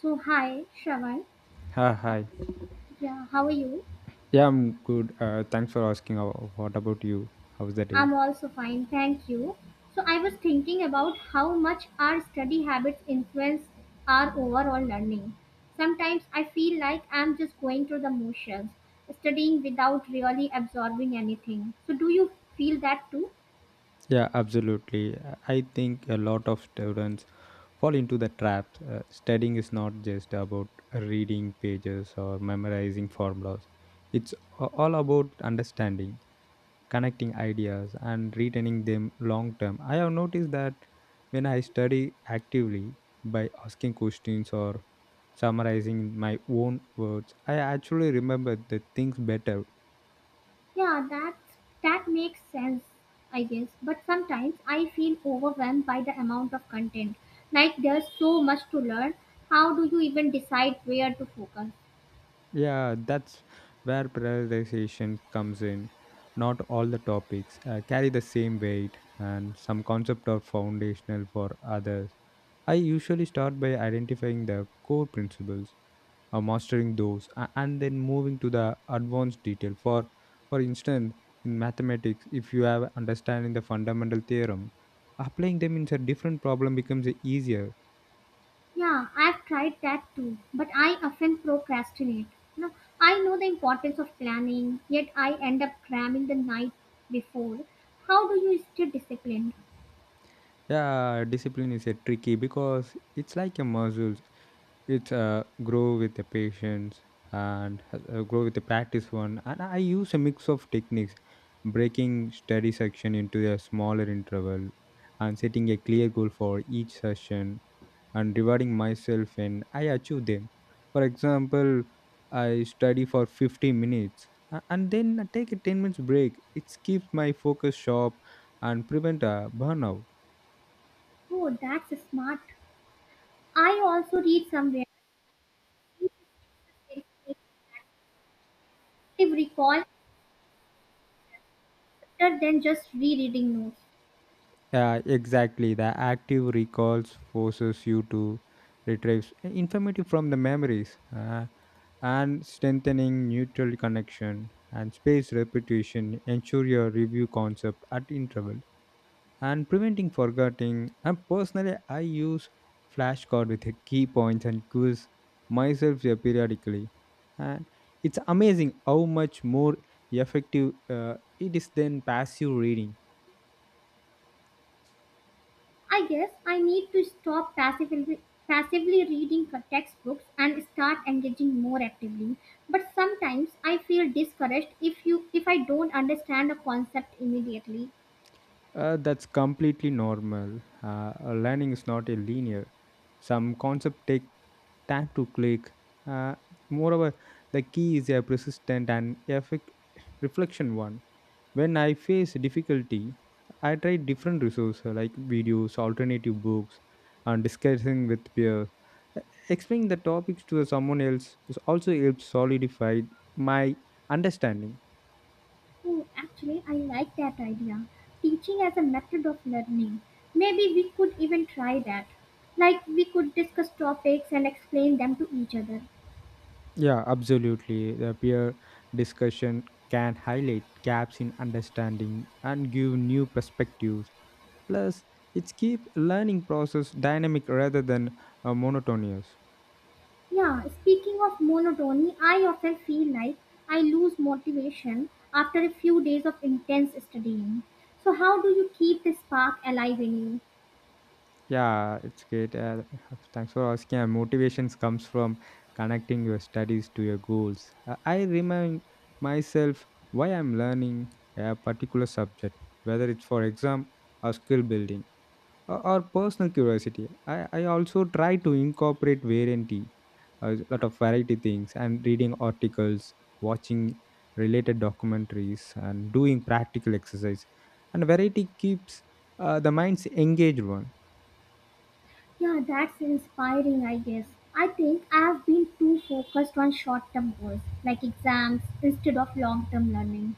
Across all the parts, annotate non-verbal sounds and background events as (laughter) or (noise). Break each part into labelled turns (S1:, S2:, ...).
S1: So hi, Shravan.
S2: Hi,
S1: Uh,
S2: hi.
S1: yeah, how are you?
S2: Yeah, I'm good. Thanks for asking. What about you? How's the day?
S1: I'm also fine, thank you. So I was thinking about how much our study habits influence our overall learning. Sometimes I feel like I'm just going through the motions, studying without really absorbing anything. So do you feel that too?
S2: Yeah, absolutely. I think a lot of students fall into the traps. Studying is not just about reading pages or memorizing formulas, it's all about understanding, connecting ideas, and retaining them long term. I have noticed that when I study actively by asking questions or summarizing in my own words, I actually remember the things better.
S1: Yeah, that makes sense, I guess. But sometimes I feel overwhelmed by the amount of content. Like there's so much to learn. How do you even decide where to focus?
S2: Yeah, that's where prioritization comes in. Not all the topics carry the same weight, and some concepts are foundational for others. I usually start by identifying the core principles, mastering those, and then moving to the advanced detail. For instance, in mathematics, if you have understanding the fundamental theorem, applying them in a different problem becomes easier.
S1: Yeah, I've tried that too, but I often procrastinate. You know, I know the importance of planning, yet I end up cramming the night before. How do you stay disciplined?
S2: Yeah, discipline is a tricky because it's like a muscle. It's grow with the patience, and grow with the practice one, and I use a mix of techniques: breaking study section into a smaller interval, and setting a clear goal for each session, and rewarding myself when I achieve them. For example, I study for 50 minutes and then I take a 10 minutes break. It keeps my focus sharp and prevent a burnout.
S1: Oh, that's smart. I also read somewhere active recall better than just rereading notes.
S2: Yeah, exactly. The active recalls forces you to retrieve information from the memories, and strengthening neutral connection, and space repetition ensure your review concept at interval and preventing forgetting. And personally, I use flashcard with the key points and quiz myself here periodically. And it's amazing how much more effective it is than passive reading.
S1: I guess I need to stop passively reading for textbooks and start engaging more actively. But sometimes I feel discouraged if I don't understand a concept immediately.
S2: That's completely normal. Learning is not a linear. Some concepts take time to click. Uh, Moreover, the key is a persistent and effect reflection one. When I face difficulty, I try different resources like videos, alternative books, and discussing with peers. Uh, Explaining the topics to someone else also helps solidify my understanding.
S1: Oh, actually, I like that idea. Teaching as a method of learning. Maybe we could even try that. Like we could discuss topics and explain them to each other.
S2: Yeah, absolutely. The peer discussion can highlight gaps in understanding and give new perspectives. Plus, it's keep learning process dynamic rather than monotonous.
S1: Yeah, speaking of monotony, I often feel like I lose motivation after a few days of intense studying. So, how do you keep the spark alive in you?
S2: Yeah, it's great. Thanks for asking. Motivations comes from connecting your studies to your goals. I remind myself why I'm learning a particular subject, whether it's for exam or skill building, or personal curiosity. I also try to incorporate variety, a lot of variety things, and reading articles, watching related documentaries, and doing practical exercise. And variety keeps the mind's engaged one.
S1: Yeah, that's inspiring, I guess. I think I have been too focused on short term goals like exams instead of long term learning.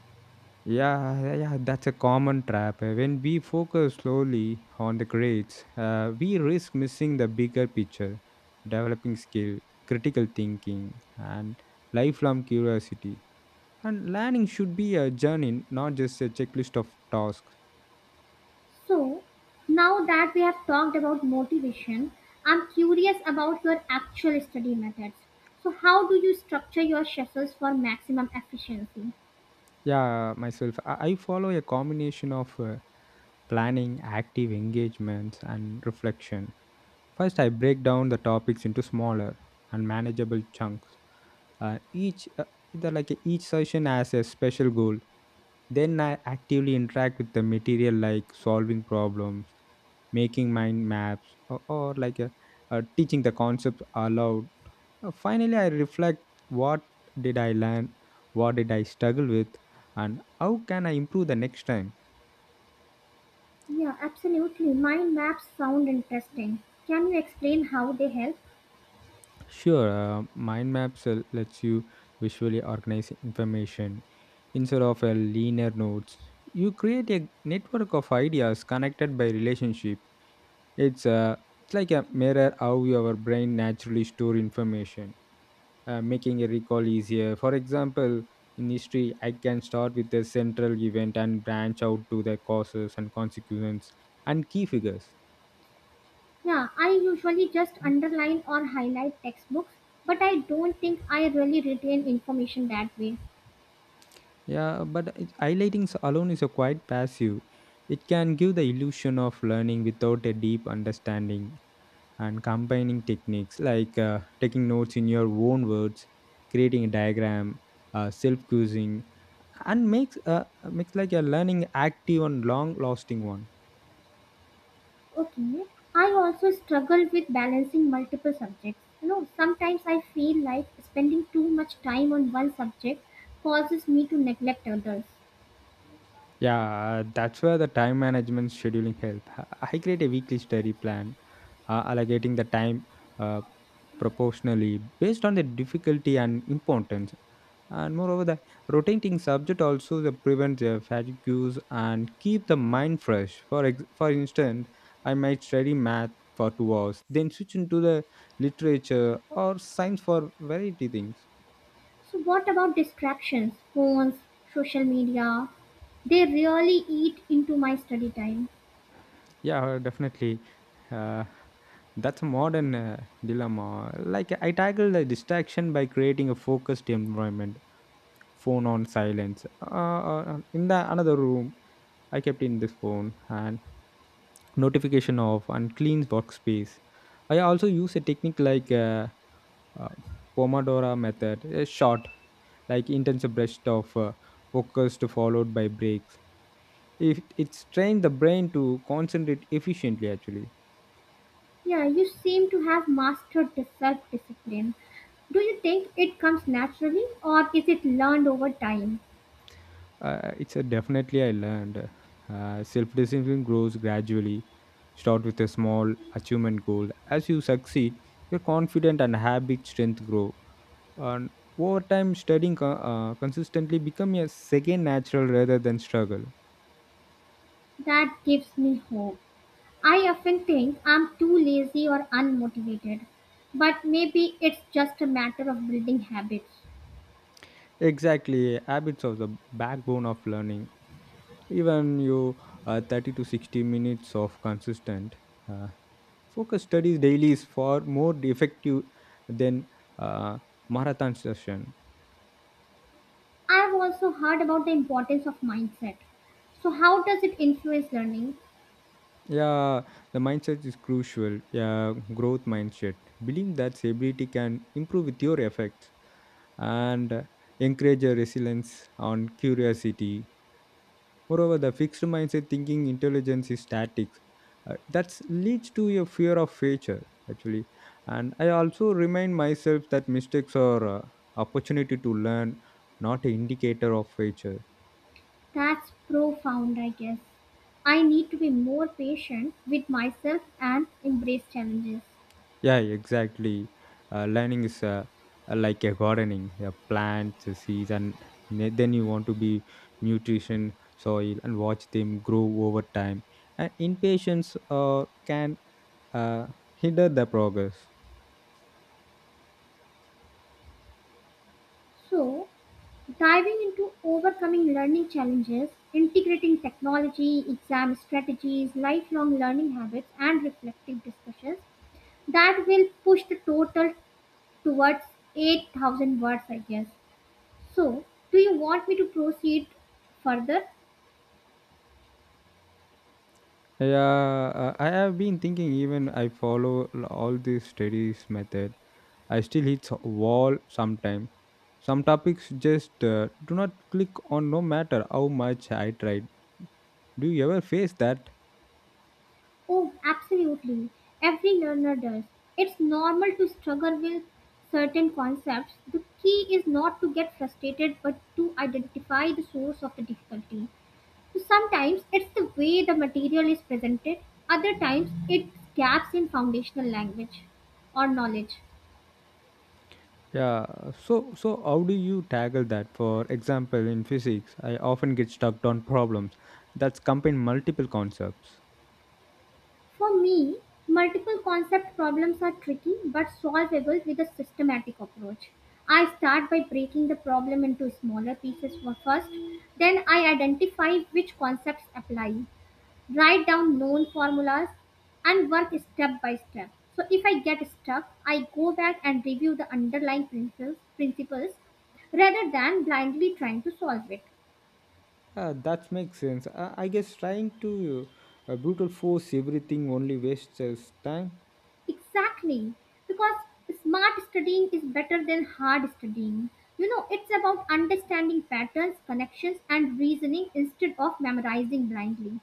S2: Yeah, yeah, yeah, that's a common trap. When we focus slowly on the grades, we risk missing the bigger picture, developing skill, critical thinking, and lifelong curiosity. And learning should be a journey, not just a checklist of tasks.
S1: So, now that we have talked about motivation, I'm curious about your actual study methods. So, how do you structure your schedules for maximum efficiency?
S2: Yeah, myself, I follow a combination of planning, active engagements, and reflection. First, I break down the topics into smaller and manageable chunks. Each either like each session has a special goal. Then I actively interact with the material, like solving problems, making mind maps, or teaching the concepts aloud. Finally, I reflect: what did I learn, what did I struggle with, and how can I improve the next time?
S1: Yeah, absolutely. Mind maps sound interesting. Can you explain how they help?
S2: Sure. Mind maps lets you visually organize information instead of a linear nodes. You create a network of ideas connected by relationship. It's like a mirror how your brain naturally store information, making a recall easier. For example, in history, I can start with a central event and branch out to the causes and consequences and key figures.
S1: Yeah, I usually just underline or highlight textbooks, but I don't think I really retain information that way.
S2: Yeah, but highlighting alone is a quite passive. It can give the illusion of learning without a deep understanding, and combining techniques like taking notes in your own words, creating a diagram, self quizzing, and makes like a learning active and long lasting one.
S1: Okay. I also struggle with balancing multiple subjects. You know, sometimes I feel like spending too much time on one subject causes me to neglect others.
S2: Yeah, that's where the time management scheduling help. I create a weekly study plan, allocating the time uh, proportionally based on the difficulty and importance. And moreover, the rotating subject also the prevents fatigues and keep the mind fresh. For instance, I might study math for 2 hours, then switch into the literature or science for variety things.
S1: So, what about distractions? Phones, social media? They really eat into my study time.
S2: Yeah, definitely. Uh, that's a modern dilemma. Like, I tackle the distraction by creating a focused environment. Phone on silence. In the another room, I kept in this phone and notification off and clean workspace. I also use a technique like uh, Pomodoro method, a short like intensive burst of focused followed by breaks. If it trains the brain to concentrate efficiently, actually.
S1: Yeah, you seem to have mastered the self discipline. Do you think it comes naturally or is it learned over time?
S2: It's a definitely I learned. Self discipline grows gradually. Start with a small achievement goal. As you succeed, your confidence and habit strength grow. And over time, studying consistently become a second natural rather than struggle.
S1: That gives me hope. I often think I'm too lazy or unmotivated, but maybe it's just a matter of building habits.
S2: Exactly, habits of the backbone of learning. Even you 30 to 60 minutes of consistent uh, focus studies daily is far more effective than uh, marathon session.
S1: I've also heard about the importance of mindset. So, how does it influence learning?
S2: Yeah, the mindset is crucial. Yeah, growth mindset. Believe that stability can improve with your efforts and encourage a resilience on curiosity. Moreover, the fixed mindset thinking intelligence is static. That leads to a fear of failure actually. And I also remind myself that mistakes are opportunity to learn, not an indicator of failure.
S1: That's profound, I guess. I need to be more patient with myself and embrace challenges.
S2: Yeah, exactly. Learning is like a gardening. The plants, the seeds, and then you want to be nutrition, soil, and watch them grow over time. And impatience can uh, hinder the progress.
S1: So, diving into overcoming learning challenges, integrating technology, exam strategies, lifelong learning habits, and reflective discussions that will push the total towards 8,000 words, I guess. So, do you want me to proceed further?
S2: Yeah, I have been thinking. Even I follow all these studies method. I still hit wall sometime. Some topics just do not click on, no matter how much I tried. Do you ever face that?
S1: Oh, absolutely. Every learner does. It's normal to struggle with certain concepts. The key is not to get frustrated but to identify the source of the difficulty. So sometimes it's the way the material is presented, other times it's gaps in foundational language or knowledge.
S2: Yeah, so how do you tackle that? For example, in physics, I often get stuck on problems that combine multiple concepts.
S1: For me, multiple concept problems are tricky but solvable with a systematic approach. I start by breaking the problem into smaller pieces for first, then I identify which concepts apply. Write down known formulas and work step by step. So if I get stuck I go back and review the underlying principles rather than blindly trying to solve it.
S2: That makes sense. I guess trying to brutal force everything only wastes us time.
S1: Exactly, because smart studying is better than hard studying. You know, it's about understanding patterns, connections and reasoning instead of memorizing blindly.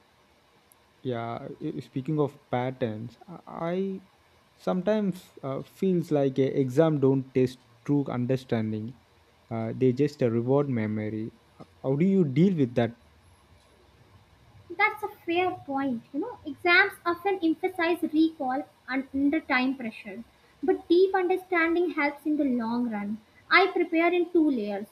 S2: Yeah, speaking of patterns, I sometimes feels like a exam don't test true understanding. They just reward memory. How do you deal with that?
S1: That's a fair point. You know, exams often emphasize recall and under time pressure, but deep understanding helps in the long run. I prepare in two layers.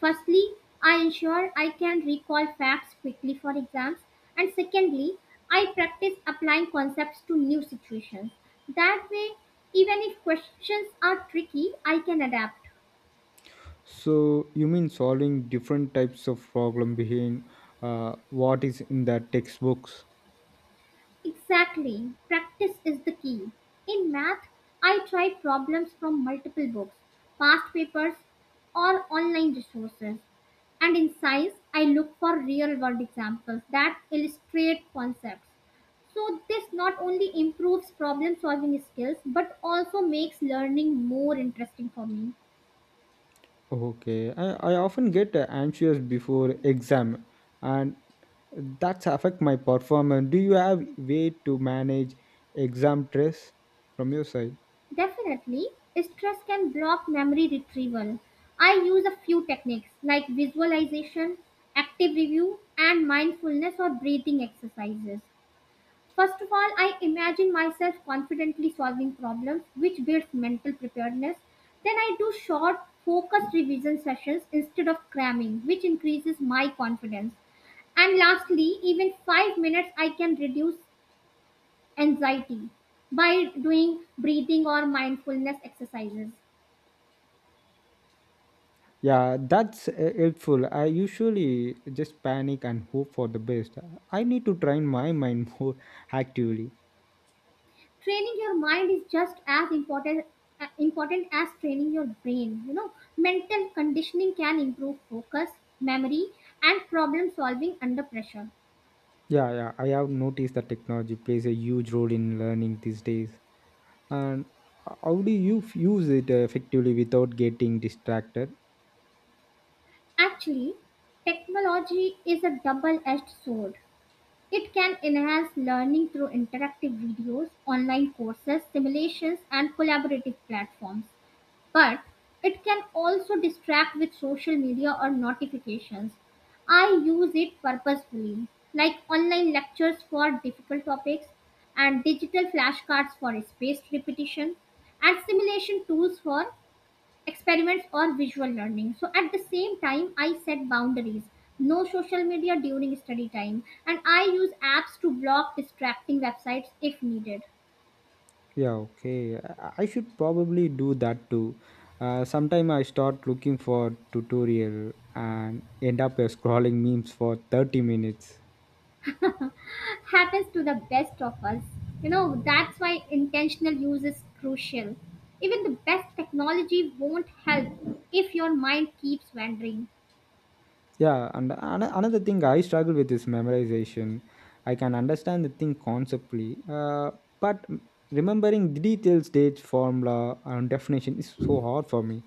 S1: Firstly, I ensure I can recall facts quickly for exams, and secondly, I practice applying concepts to new situations. That way, even if questions are tricky, I can adapt.
S2: So you mean solving different types of problem behind what is in the textbooks?
S1: Exactly. Practice is the key. In math, I tried problems from multiple books, past papers, or online resources. And in science, I look for real world examples that illustrate concepts. So, this not only improves problem solving skills but also makes learning more interesting for me.
S2: Okay, I often get anxious before exam, and that's affect my performance. Do you have way to manage exam stress from your side?
S1: Definitely, stress can block memory retrieval. I use a few techniques like visualization, active review, and mindfulness or breathing exercises. First of all, I imagine myself confidently solving problems, which builds mental preparedness. Then I do short, focused revision sessions instead of cramming, which increases my confidence. And lastly, even 5 minutes I can reduce anxiety by doing breathing or mindfulness exercises.
S2: Yeah, that's helpful. I usually just panic and hope for the best. I need to train my mind (laughs) more actively.
S1: Training your mind is just as important as training your brain. You know, mental conditioning can improve focus, memory, and problem solving under pressure.
S2: Yeah, yeah, I have noticed that technology plays a huge role in learning these days. And how do you use it effectively without getting distracted?
S1: Actually, technology is a double-edged sword. It can enhance learning through interactive videos, online courses, simulations, and collaborative platforms. But it can also distract with social media or notifications. I use it purposefully, like online lectures for difficult topics and digital flashcards for spaced repetition and simulation tools for experiments or visual learning. So at the same time, I set boundaries. No social media during study time, and I use apps to block distracting websites if needed.
S2: Yeah, okay, I should probably do that too. Sometime I start looking for tutorial and end up scrolling memes for 30 minutes.
S1: (laughs) Happens to the best of us. You know, that's why intentional use is crucial. Even the best technology won't help if your mind keeps wandering.
S2: Yeah, and another thing I struggle with is memorization. I can understand the thing conceptually, but remembering details, dates, formula, and definition is so hard for me.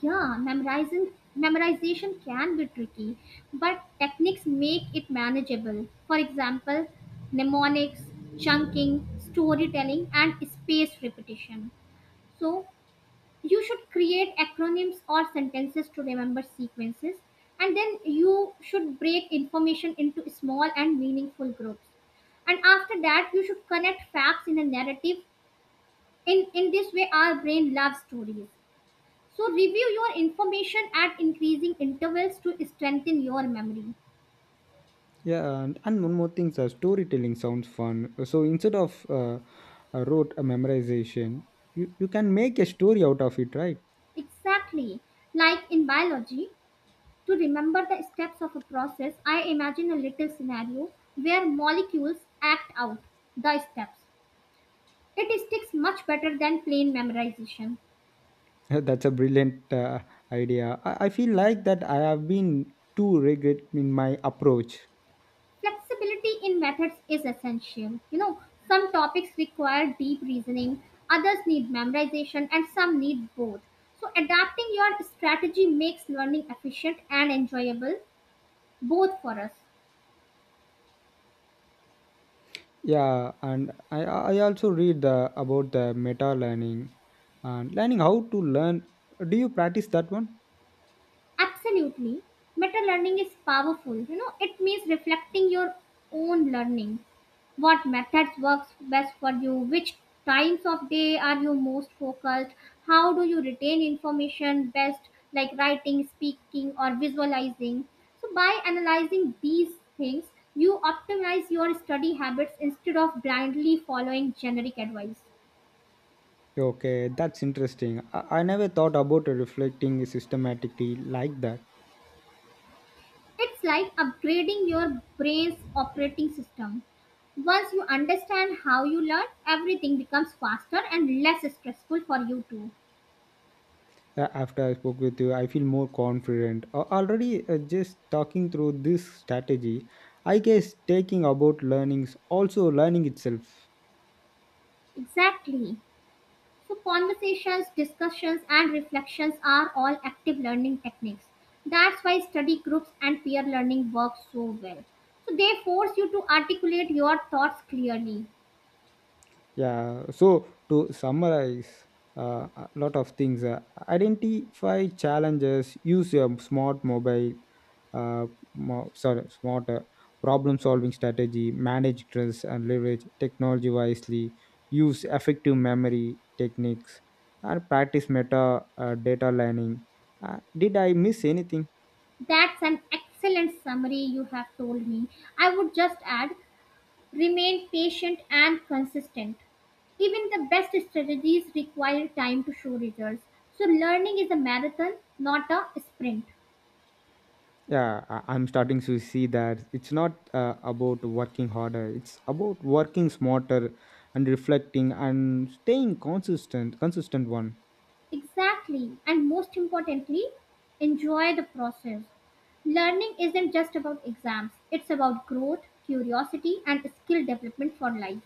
S1: Yeah, memorizing memorization can be tricky, but techniques make it manageable. For example, mnemonics, chunking, storytelling, and spaced repetition. So you should create acronyms or sentences to remember sequences, and then you should break information into small and meaningful groups, and after that you should connect facts in a narrative. In this way our brain loves stories. So review your information at increasing intervals to strengthen your memory.
S2: Yeah, and one more thing, sir, storytelling sounds fun. So instead of a memorization, you can make a story out of it, right?
S1: Exactly. Like in biology, to remember the steps of a process I imagine a little scenario where molecules act out the steps. It sticks much better than plain memorization.
S2: (laughs) That's a brilliant idea. I feel like that I have been too rigid in my approach.
S1: Flexibility in methods is essential. You know, some topics require deep reasoning, others need memorization, and some need both. So, adapting your strategy makes learning efficient and enjoyable, both for us.
S2: Yeah, and I also read about the meta learning and learning how to learn. Do you practice that one?
S1: Absolutely. Meta learning is powerful. You know, it means reflecting your own learning. What methods works best for you? Which times of day are you most focused? How do you retain information best, like writing, speaking or visualizing? So by analyzing these things, you optimize your study habits instead of blindly following generic advice.
S2: Okay, that's interesting. I never thought about reflecting systematically like that.
S1: It's like upgrading your brain's operating system. Once you understand how you learn, everything becomes faster and less stressful for you too.
S2: After I spoke with you, I feel more confident already, just talking through this strategy. I guess taking about learnings also learning itself.
S1: Exactly. So, conversations, discussions, and reflections are all active learning techniques. That's why study groups and peer learning work so well. So, they force you to articulate your thoughts clearly.
S2: Yeah, so to summarize a lot of things, identify challenges, use your smart mobile, uh, sorry, smart problem solving strategy, manage stress and leverage technology wisely, use effective memory techniques, and practice meta data learning. Did I miss anything?
S1: That's an excellent summary you have told me. I would just add, remain patient and consistent. Even the best strategies require time to show results. So, learning is a marathon, not a sprint.
S2: Yeah, I'm starting to see that it's not about working harder. It's about working smarter and reflecting and staying consistent one.
S1: Exactly. And most importantly, enjoy the process. Learning isn't just about exams, it's about growth, curiosity, and skill development for life.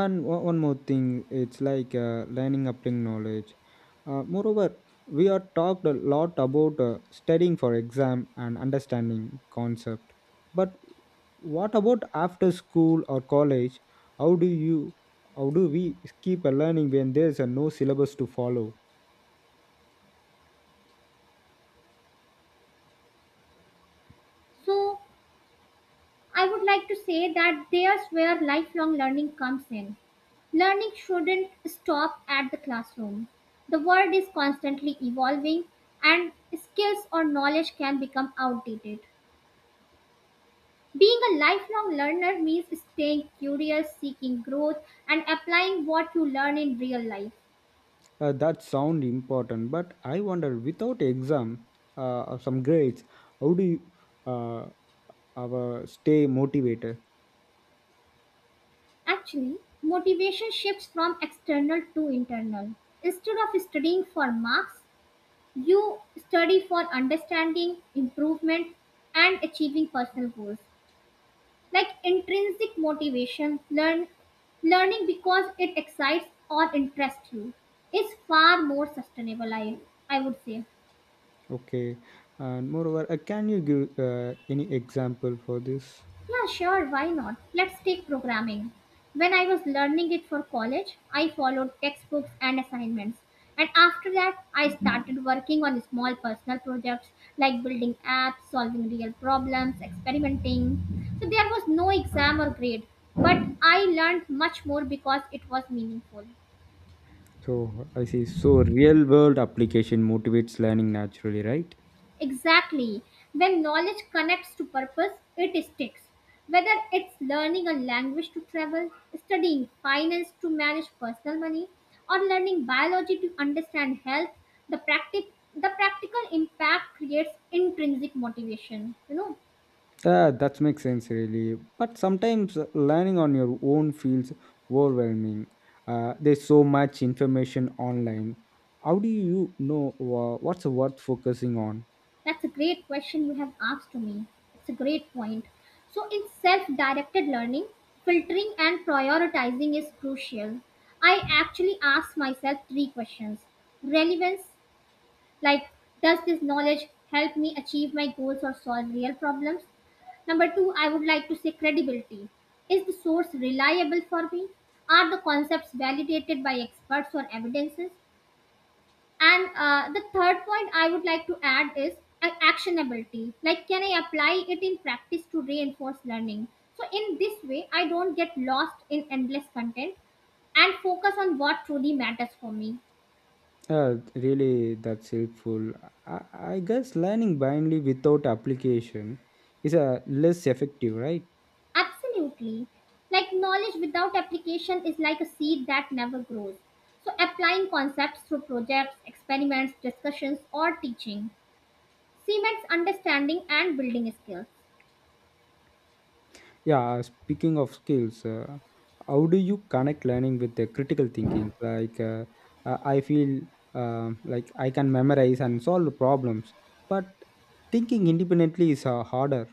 S2: And one more thing, it's like learning applying knowledge. Moreover, we are talked a lot about studying for exam and understanding concept, but what about after school or college? How do you how do we keep a learning when there's a no syllabus to follow?
S1: So, I would like to say that there's where lifelong learning comes in. Learning shouldn't stop at the classroom. The world is constantly evolving, and skills or knowledge can become outdated. Being a lifelong learner means staying curious, seeking growth, and applying what you learn in real life.
S2: That sound important, but I wonder without exam, or some grades, how do you uh, our stay motivated?
S1: Actually, motivation shifts from external to internal. Instead of studying for marks, you study for understanding, improvement, and achieving personal goals. Like intrinsic motivation, learning because it excites or interests you is far more sustainable, I would say.
S2: Okay, and moreover, can you give any example for this?
S1: Yeah, sure, why not? Let's take programming. When I was learning it for college, I followed textbooks and assignments. And after that, I started working on small personal projects like building apps, solving real problems, experimenting. So there was no exam or grade, but I learned much more because it was meaningful.
S2: So I see. So real world application motivates learning naturally, right?
S1: Exactly. When knowledge connects to purpose, it sticks. Whether it's learning a language to travel, studying finance to manage personal money, or learning biology to understand health, the practical impact creates intrinsic motivation. You know,
S2: Yeah, that makes sense, really. But sometimes learning on your own feels overwhelming. There's so much information online. How do you know what's worth focusing on?
S1: that's a great question you have asked to me. It's a great point. So in self-directed learning, filtering and prioritizing is crucial. I actually ask myself three questions. Relevance, like, does this knowledge help me achieve my goals or solve real problems? Number two, I would like to say credibility. Is the source reliable for me? Are the concepts validated by experts or evidences? And the third point I would like to add is actionability. Like, can I apply it in practice to reinforce learning? So, in this way, I don't get lost in endless content and focus on what truly matters for me.
S2: Really, that's helpful. I guess learning blindly without application is less effective, right?
S1: Absolutely. Like knowledge without application is like a seed that never grows. So applying concepts through projects, experiments, discussions, or teaching cements understanding and building skills.
S2: Yeah, speaking of skills, how do you connect learning with the critical thinking? Like, I feel like I can memorize and solve problems, but thinking independently is harder.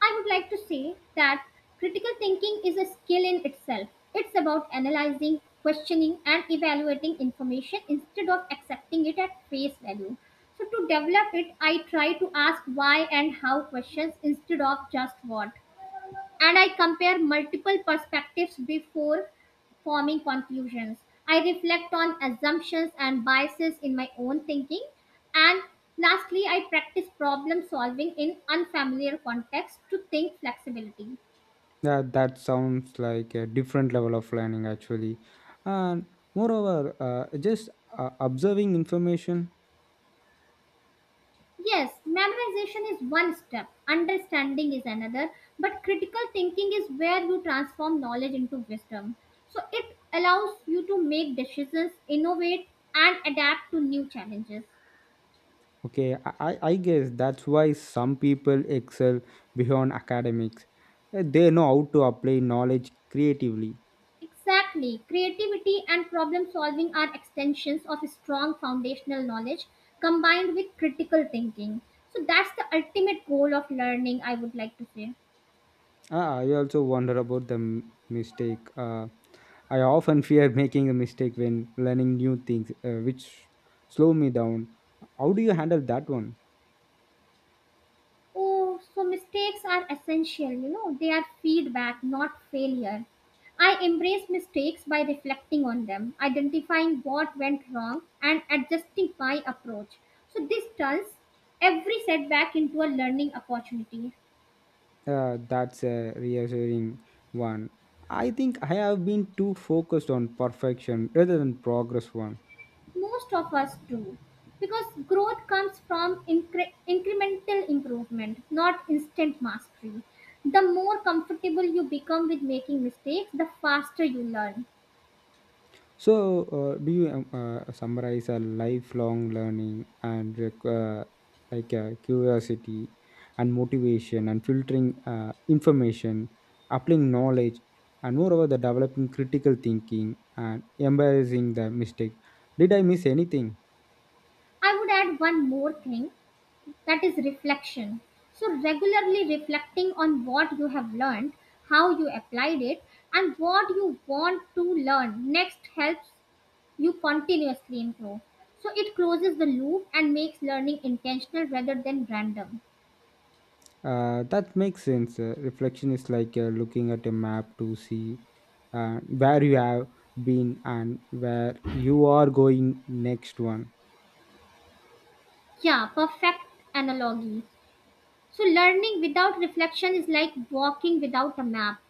S1: I would like to say that critical thinking is a skill in itself. It's about analyzing, questioning, and evaluating information instead of accepting it at face value. So to develop it, I try to ask why and how questions instead of just what. And I compare multiple perspectives before forming conclusions. I reflect on assumptions and biases in my own thinking. And lastly, I practice problem solving in unfamiliar contexts to think flexibility.
S2: Yeah, that sounds like a different level of learning actually. And moreover, just observing information.
S1: Yes, memorization is one step, understanding is another, but critical thinking is where you transform knowledge into wisdom. So it allows you to make decisions, innovate, and adapt to new challenges.
S2: Okay, I guess that's why some people excel beyond academics. They know how to apply knowledge creatively.
S1: Exactly. Creativity and problem solving are extensions of strong foundational knowledge combined with critical thinking. So that's the ultimate goal of learning, I would like to say.
S2: I also wonder about the mistake. I often fear making a mistake when learning new things, which slow me down. How do you handle that one?
S1: Oh, so mistakes are essential, you know, they are feedback, not failure. I embrace mistakes by reflecting on them, identifying what went wrong, and adjusting my approach. So this turns every setback into a learning opportunity.
S2: That's a reassuring one. I think I have been too focused on perfection rather than progress one.
S1: Most of us do. Because growth comes from incremental improvement, not instant mastery. The more comfortable you become with making mistakes, the faster you learn.
S2: So, do you summarize a lifelong learning and like curiosity and motivation and filtering information, applying knowledge, and moreover, the developing critical thinking and embracing the mistake? Did I miss anything?
S1: I would add one more thing, that is reflection. So, regularly reflecting on what you have learned, how you applied it, and what you want to learn next helps you continuously improve. So, it closes the loop and makes learning intentional rather than random.
S2: That makes sense. Reflection is like looking at a map to see where you have been and where you are going next one.
S1: Yeah, perfect analogy. So, learning without reflection is like walking without a map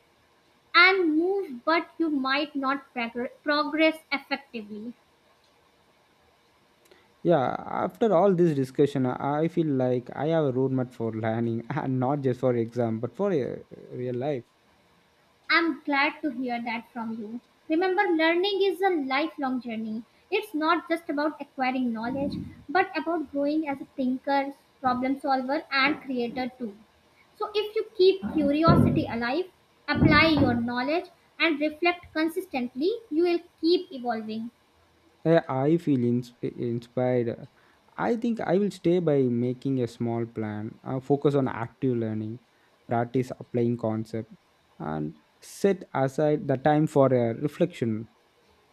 S1: and move, but you might not progress effectively.
S2: Yeah, after all this discussion, I feel like I have a roadmap for learning (laughs) and not just for exam, but for real life.
S1: I'm glad to hear that from you. Remember, learning is a lifelong journey. It's not just about acquiring knowledge, but about growing as a thinker, problem solver, and creator too. So, if you keep curiosity alive, apply your knowledge, and reflect consistently, you will keep evolving.
S2: I feel inspired. I think I will stay by making a small plan, focus on active learning, practice applying concept, and set aside the time for reflection.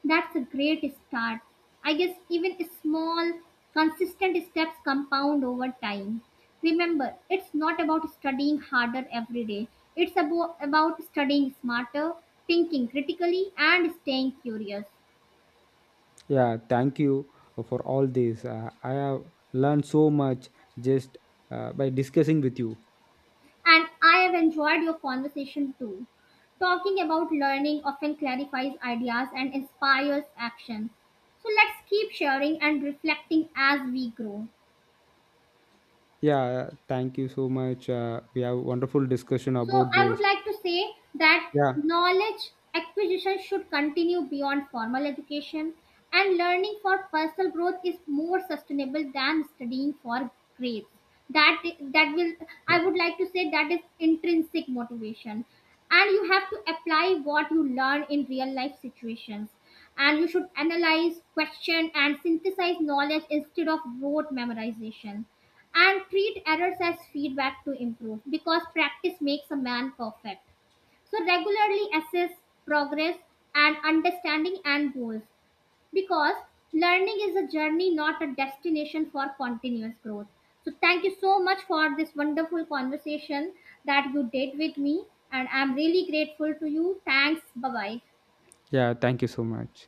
S1: That's a great start. I guess even small, consistent steps compound over time. Remember, it's not about studying harder every day. It's about studying smarter, thinking critically, and staying curious.
S2: Yeah, thank you for all this. I have learned so much just by discussing with you.
S1: And I have enjoyed your conversation too. Talking about learning often clarifies ideas and inspires action. So let's keep sharing and reflecting as we grow.
S2: Yeah, thank you so much. We have wonderful discussion
S1: So
S2: about
S1: I would
S2: this.
S1: like to say that
S2: Yeah,
S1: knowledge acquisition should continue beyond formal education and learning for personal growth is more sustainable than studying for grades. That will, I would like to say, that is intrinsic motivation. And you have to apply what you learn in real life situations, and you should analyze, question, and synthesize knowledge instead of rote memorization. And treat errors as feedback to improve because practice makes a man perfect. So, regularly assess progress and understanding and goals, because learning is a journey, not a destination for continuous growth. So, thank you so much for this wonderful conversation that you did with me, and I'm really grateful to you. Thanks. Bye bye.
S2: yeah, thank you so much.